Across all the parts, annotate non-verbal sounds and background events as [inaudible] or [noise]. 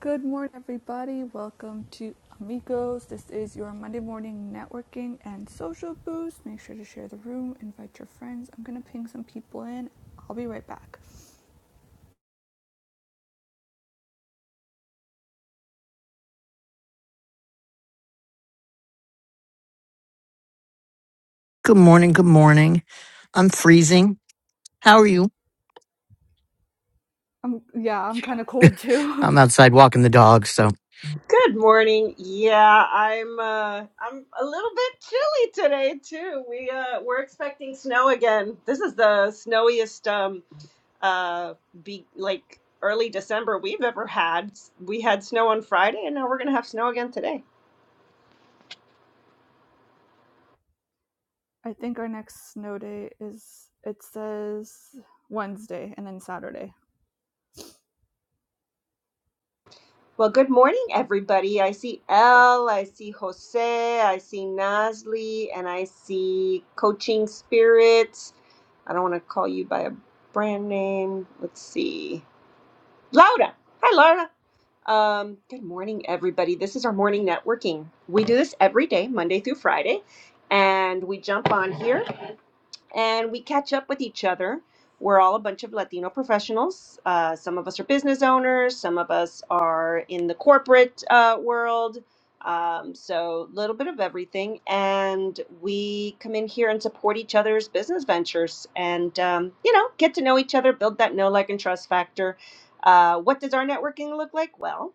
Good morning, everybody. Welcome to Amigos. This is your Monday morning networking and social boost. Make sure to share the room, invite your friends. I'm gonna ping some people in. I'll be right back. Good morning. Good morning. I'm freezing. How are you? I'm yeah, I'm kind of cold too. I'm outside walking the dog, so Good morning. Yeah, I'm uh I'm a little bit chilly today too. We uh we're expecting snow again. This is the snowiest um uh be like early December we've ever had. We had snow on Friday and now we're going to have snow again today. [laughs] I think our next snow day is it says Wednesday and then Saturday. Well, good morning everybody. I see El, I see Jose, I see Nasli, and I see Coaching Spirits. I don't want to call you by a brand name. Let's see. Laura. Hi, Laura. Um, good morning, everybody. This is our morning networking. We do this every day, Monday through Friday, and we jump on here and we catch up with each other. We're all a bunch of Latino professionals. Uh, some of us are business owners, some of us are in the corporate uh, world. Um, so, a little bit of everything. And we come in here and support each other's business ventures and, um, you know, get to know each other, build that know, like, and trust factor. Uh, what does our networking look like? Well,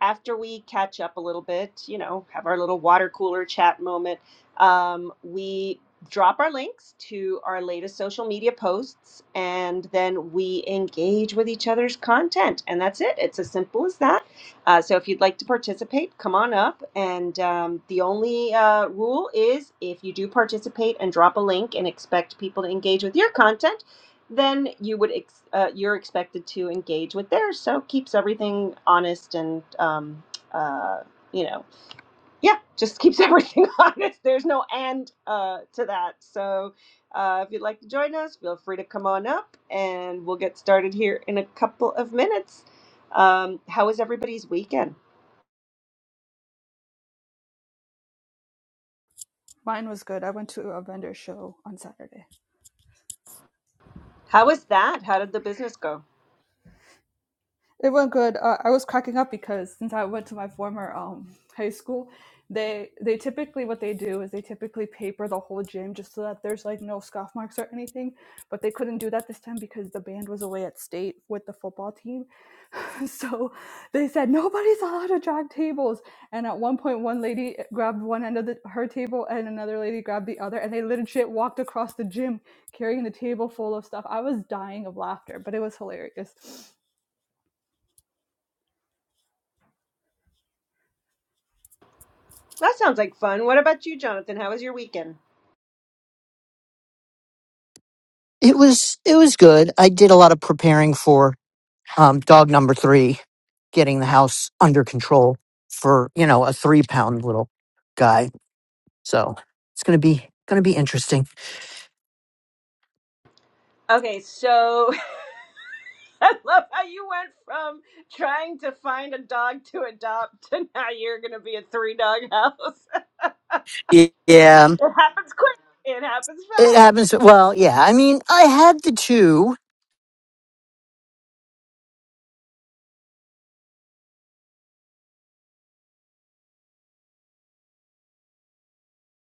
after we catch up a little bit, you know, have our little water cooler chat moment, um, we drop our links to our latest social media posts and then we engage with each other's content and that's it it's as simple as that uh, so if you'd like to participate come on up and um, the only uh, rule is if you do participate and drop a link and expect people to engage with your content then you would ex- uh, you're expected to engage with theirs so it keeps everything honest and um, uh, you know yeah, just keeps everything [laughs] honest. There's no end uh, to that. So uh, if you'd like to join us, feel free to come on up and we'll get started here in a couple of minutes. Um, how was everybody's weekend? Mine was good. I went to a vendor show on Saturday. How was that? How did the business go? It went good. Uh, I was cracking up because since I went to my former um, high school, they they typically what they do is they typically paper the whole gym just so that there's like no scuff marks or anything. But they couldn't do that this time because the band was away at state with the football team, [laughs] so they said nobody's allowed to drag tables. And at one point, one lady grabbed one end of the, her table and another lady grabbed the other, and they legit walked across the gym carrying the table full of stuff. I was dying of laughter, but it was hilarious. That sounds like fun. What about you, Jonathan? How was your weekend? it was it was good. I did a lot of preparing for um, dog number three, getting the house under control for you know a three pound little guy. So it's gonna be gonna be interesting. Okay, so [laughs] [laughs] I love how you went from trying to find a dog to adopt [laughs] to now you're going to be a three dog house. [laughs] Y- Yeah, It happens quick, it happens it fast. happens. Well, yeah. I mean, I had the two.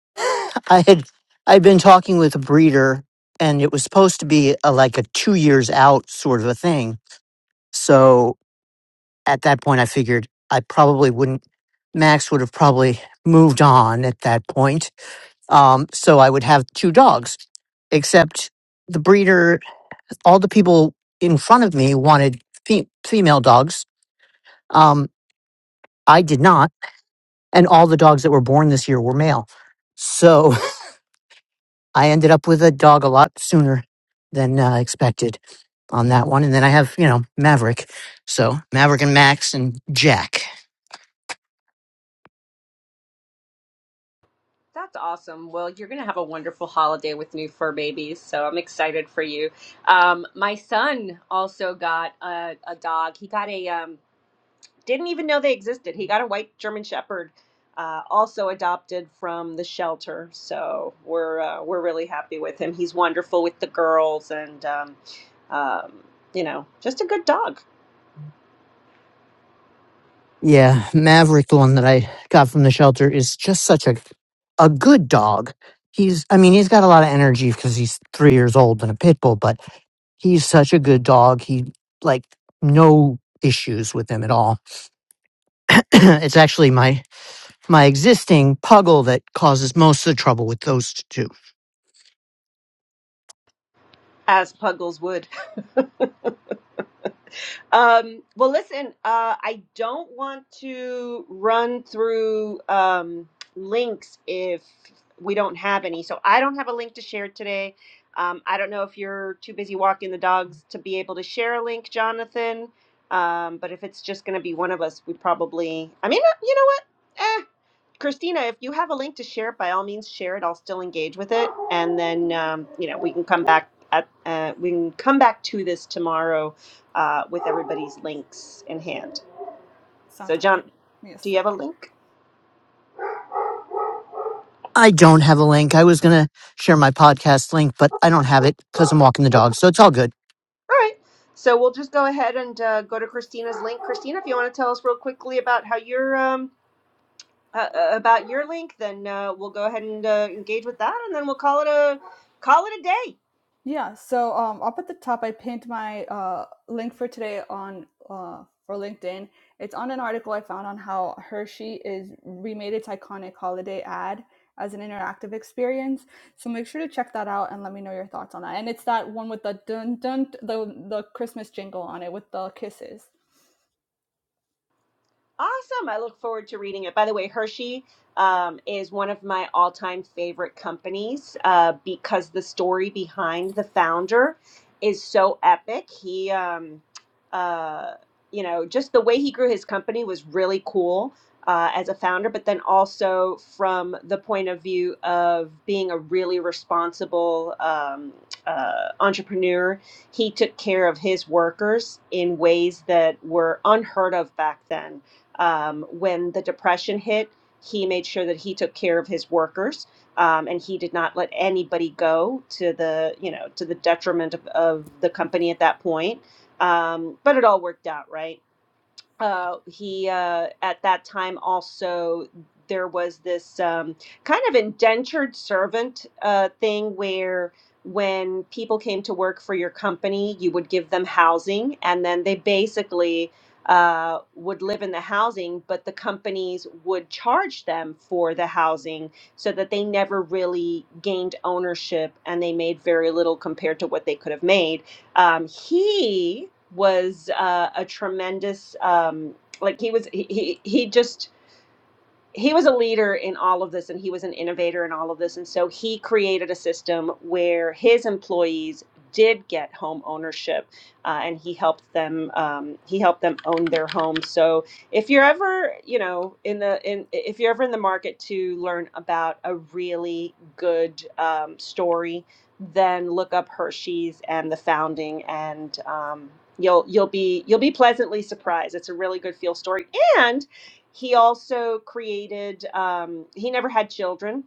[laughs] I had I'd been talking with a breeder, and it was supposed to be a, like a two years out sort of a thing. So at that point, I figured I probably wouldn't. Max would have probably moved on at that point. Um, so I would have two dogs, except the breeder, all the people in front of me wanted fe- female dogs. Um, I did not. And all the dogs that were born this year were male. So [laughs] I ended up with a dog a lot sooner than uh, expected on that one. And then I have, you know, Maverick. So Maverick and Max and Jack. That's awesome. Well, you're going to have a wonderful holiday with new fur babies, so I'm excited for you. Um, my son also got a, a dog. He got a um, didn't even know they existed. He got a white German Shepherd, uh, also adopted from the shelter. So we're uh, we're really happy with him. He's wonderful with the girls, and um, um, you know, just a good dog. Yeah, Maverick, the one that I got from the shelter, is just such a a good dog. He's, I mean, he's got a lot of energy because he's three years old and a pit bull, but he's such a good dog. He like no issues with him at all. [clears throat] it's actually my my existing puggle that causes most of the trouble with those two. as Puggles would. Um, well, listen, uh, I don't want to run through um, links if we don't have any. So I don't have a link to share today. Um, I don't know if you're too busy walking the dogs to be able to share a link, Jonathan. Um, but if it's just going to be one of us, we probably, I mean, uh, you know what? Eh, Christina, if you have a link to share, by all means, share it. I'll still engage with it, and then um, you know we can come back at uh, we can come back to this tomorrow uh, with everybody's links in hand. So, Sounds good. Okay, John, Give me a do you have a second. link? I don't have a link. I was gonna share my podcast link, but I don't have it because I'm walking the dog, so it's all good. All right. So we'll just go ahead and uh, go to Christina's link. Christina, if you want to tell us real quickly about how your um, uh, uh, about your link, then uh, we'll go ahead and uh, engage with that, and then we'll call it a call it a day. Yeah. So um, up at the top, I pinned my uh, link for today on uh, for LinkedIn. It's on an article I found on how Hershey is remade its iconic holiday ad as an interactive experience. So make sure to check that out and let me know your thoughts on that. And it's that one with the dun dun the the Christmas jingle on it with the kisses. Awesome. I look forward to reading it. By the way, Hershey um, is one of my all time favorite companies uh, because the story behind the founder is so epic. He, um, uh, you know, just the way he grew his company was really cool uh, as a founder, but then also from the point of view of being a really responsible um, uh, entrepreneur. He took care of his workers in ways that were unheard of back then um, when the depression hit, he made sure that he took care of his workers, um, and he did not let anybody go to the you know to the detriment of, of the company at that point. Um, but it all worked out, right? uh, he uh, at that time also there was this um, kind of indentured servant uh, thing where when people came to work for your company you would give them housing and then they basically uh, would live in the housing but the companies would charge them for the housing so that they never really gained ownership and they made very little compared to what they could have made um, he was uh, a tremendous, um, like he was, he, he, he just, he was a leader in all of this and he was an innovator in all of this and so he created a system where his employees did get home ownership uh, and he helped them um, he helped them own their home so if you're ever you know in the in if you're ever in the market to learn about a really good um, story then look up hershey's and the founding and um, you'll you'll be you'll be pleasantly surprised it's a really good feel story and. He also created, um, he never had children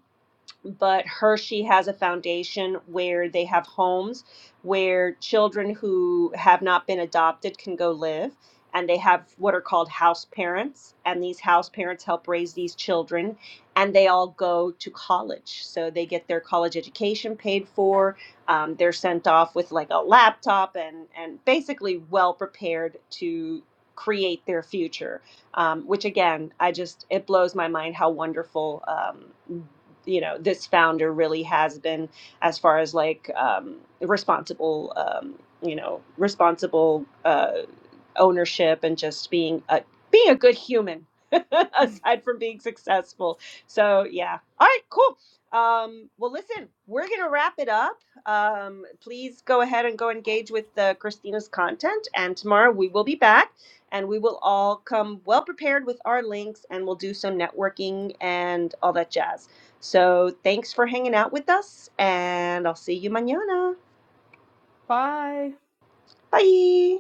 but Hershey has a foundation where they have homes where children who have not been adopted can go live. And they have what are called house parents. And these house parents help raise these children. And they all go to college. So they get their college education paid for. Um, they're sent off with like a laptop and, and basically well prepared to create their future um, which again, I just it blows my mind how wonderful um, you know this founder really has been as far as like um, responsible um, you know responsible uh, ownership and just being a being a good human [laughs] aside from being successful so yeah all right cool um, well listen we're gonna wrap it up um, please go ahead and go engage with uh, christina's content and tomorrow we will be back and we will all come well prepared with our links and we'll do some networking and all that jazz so thanks for hanging out with us, and I'll see you mañana. Bye. Bye.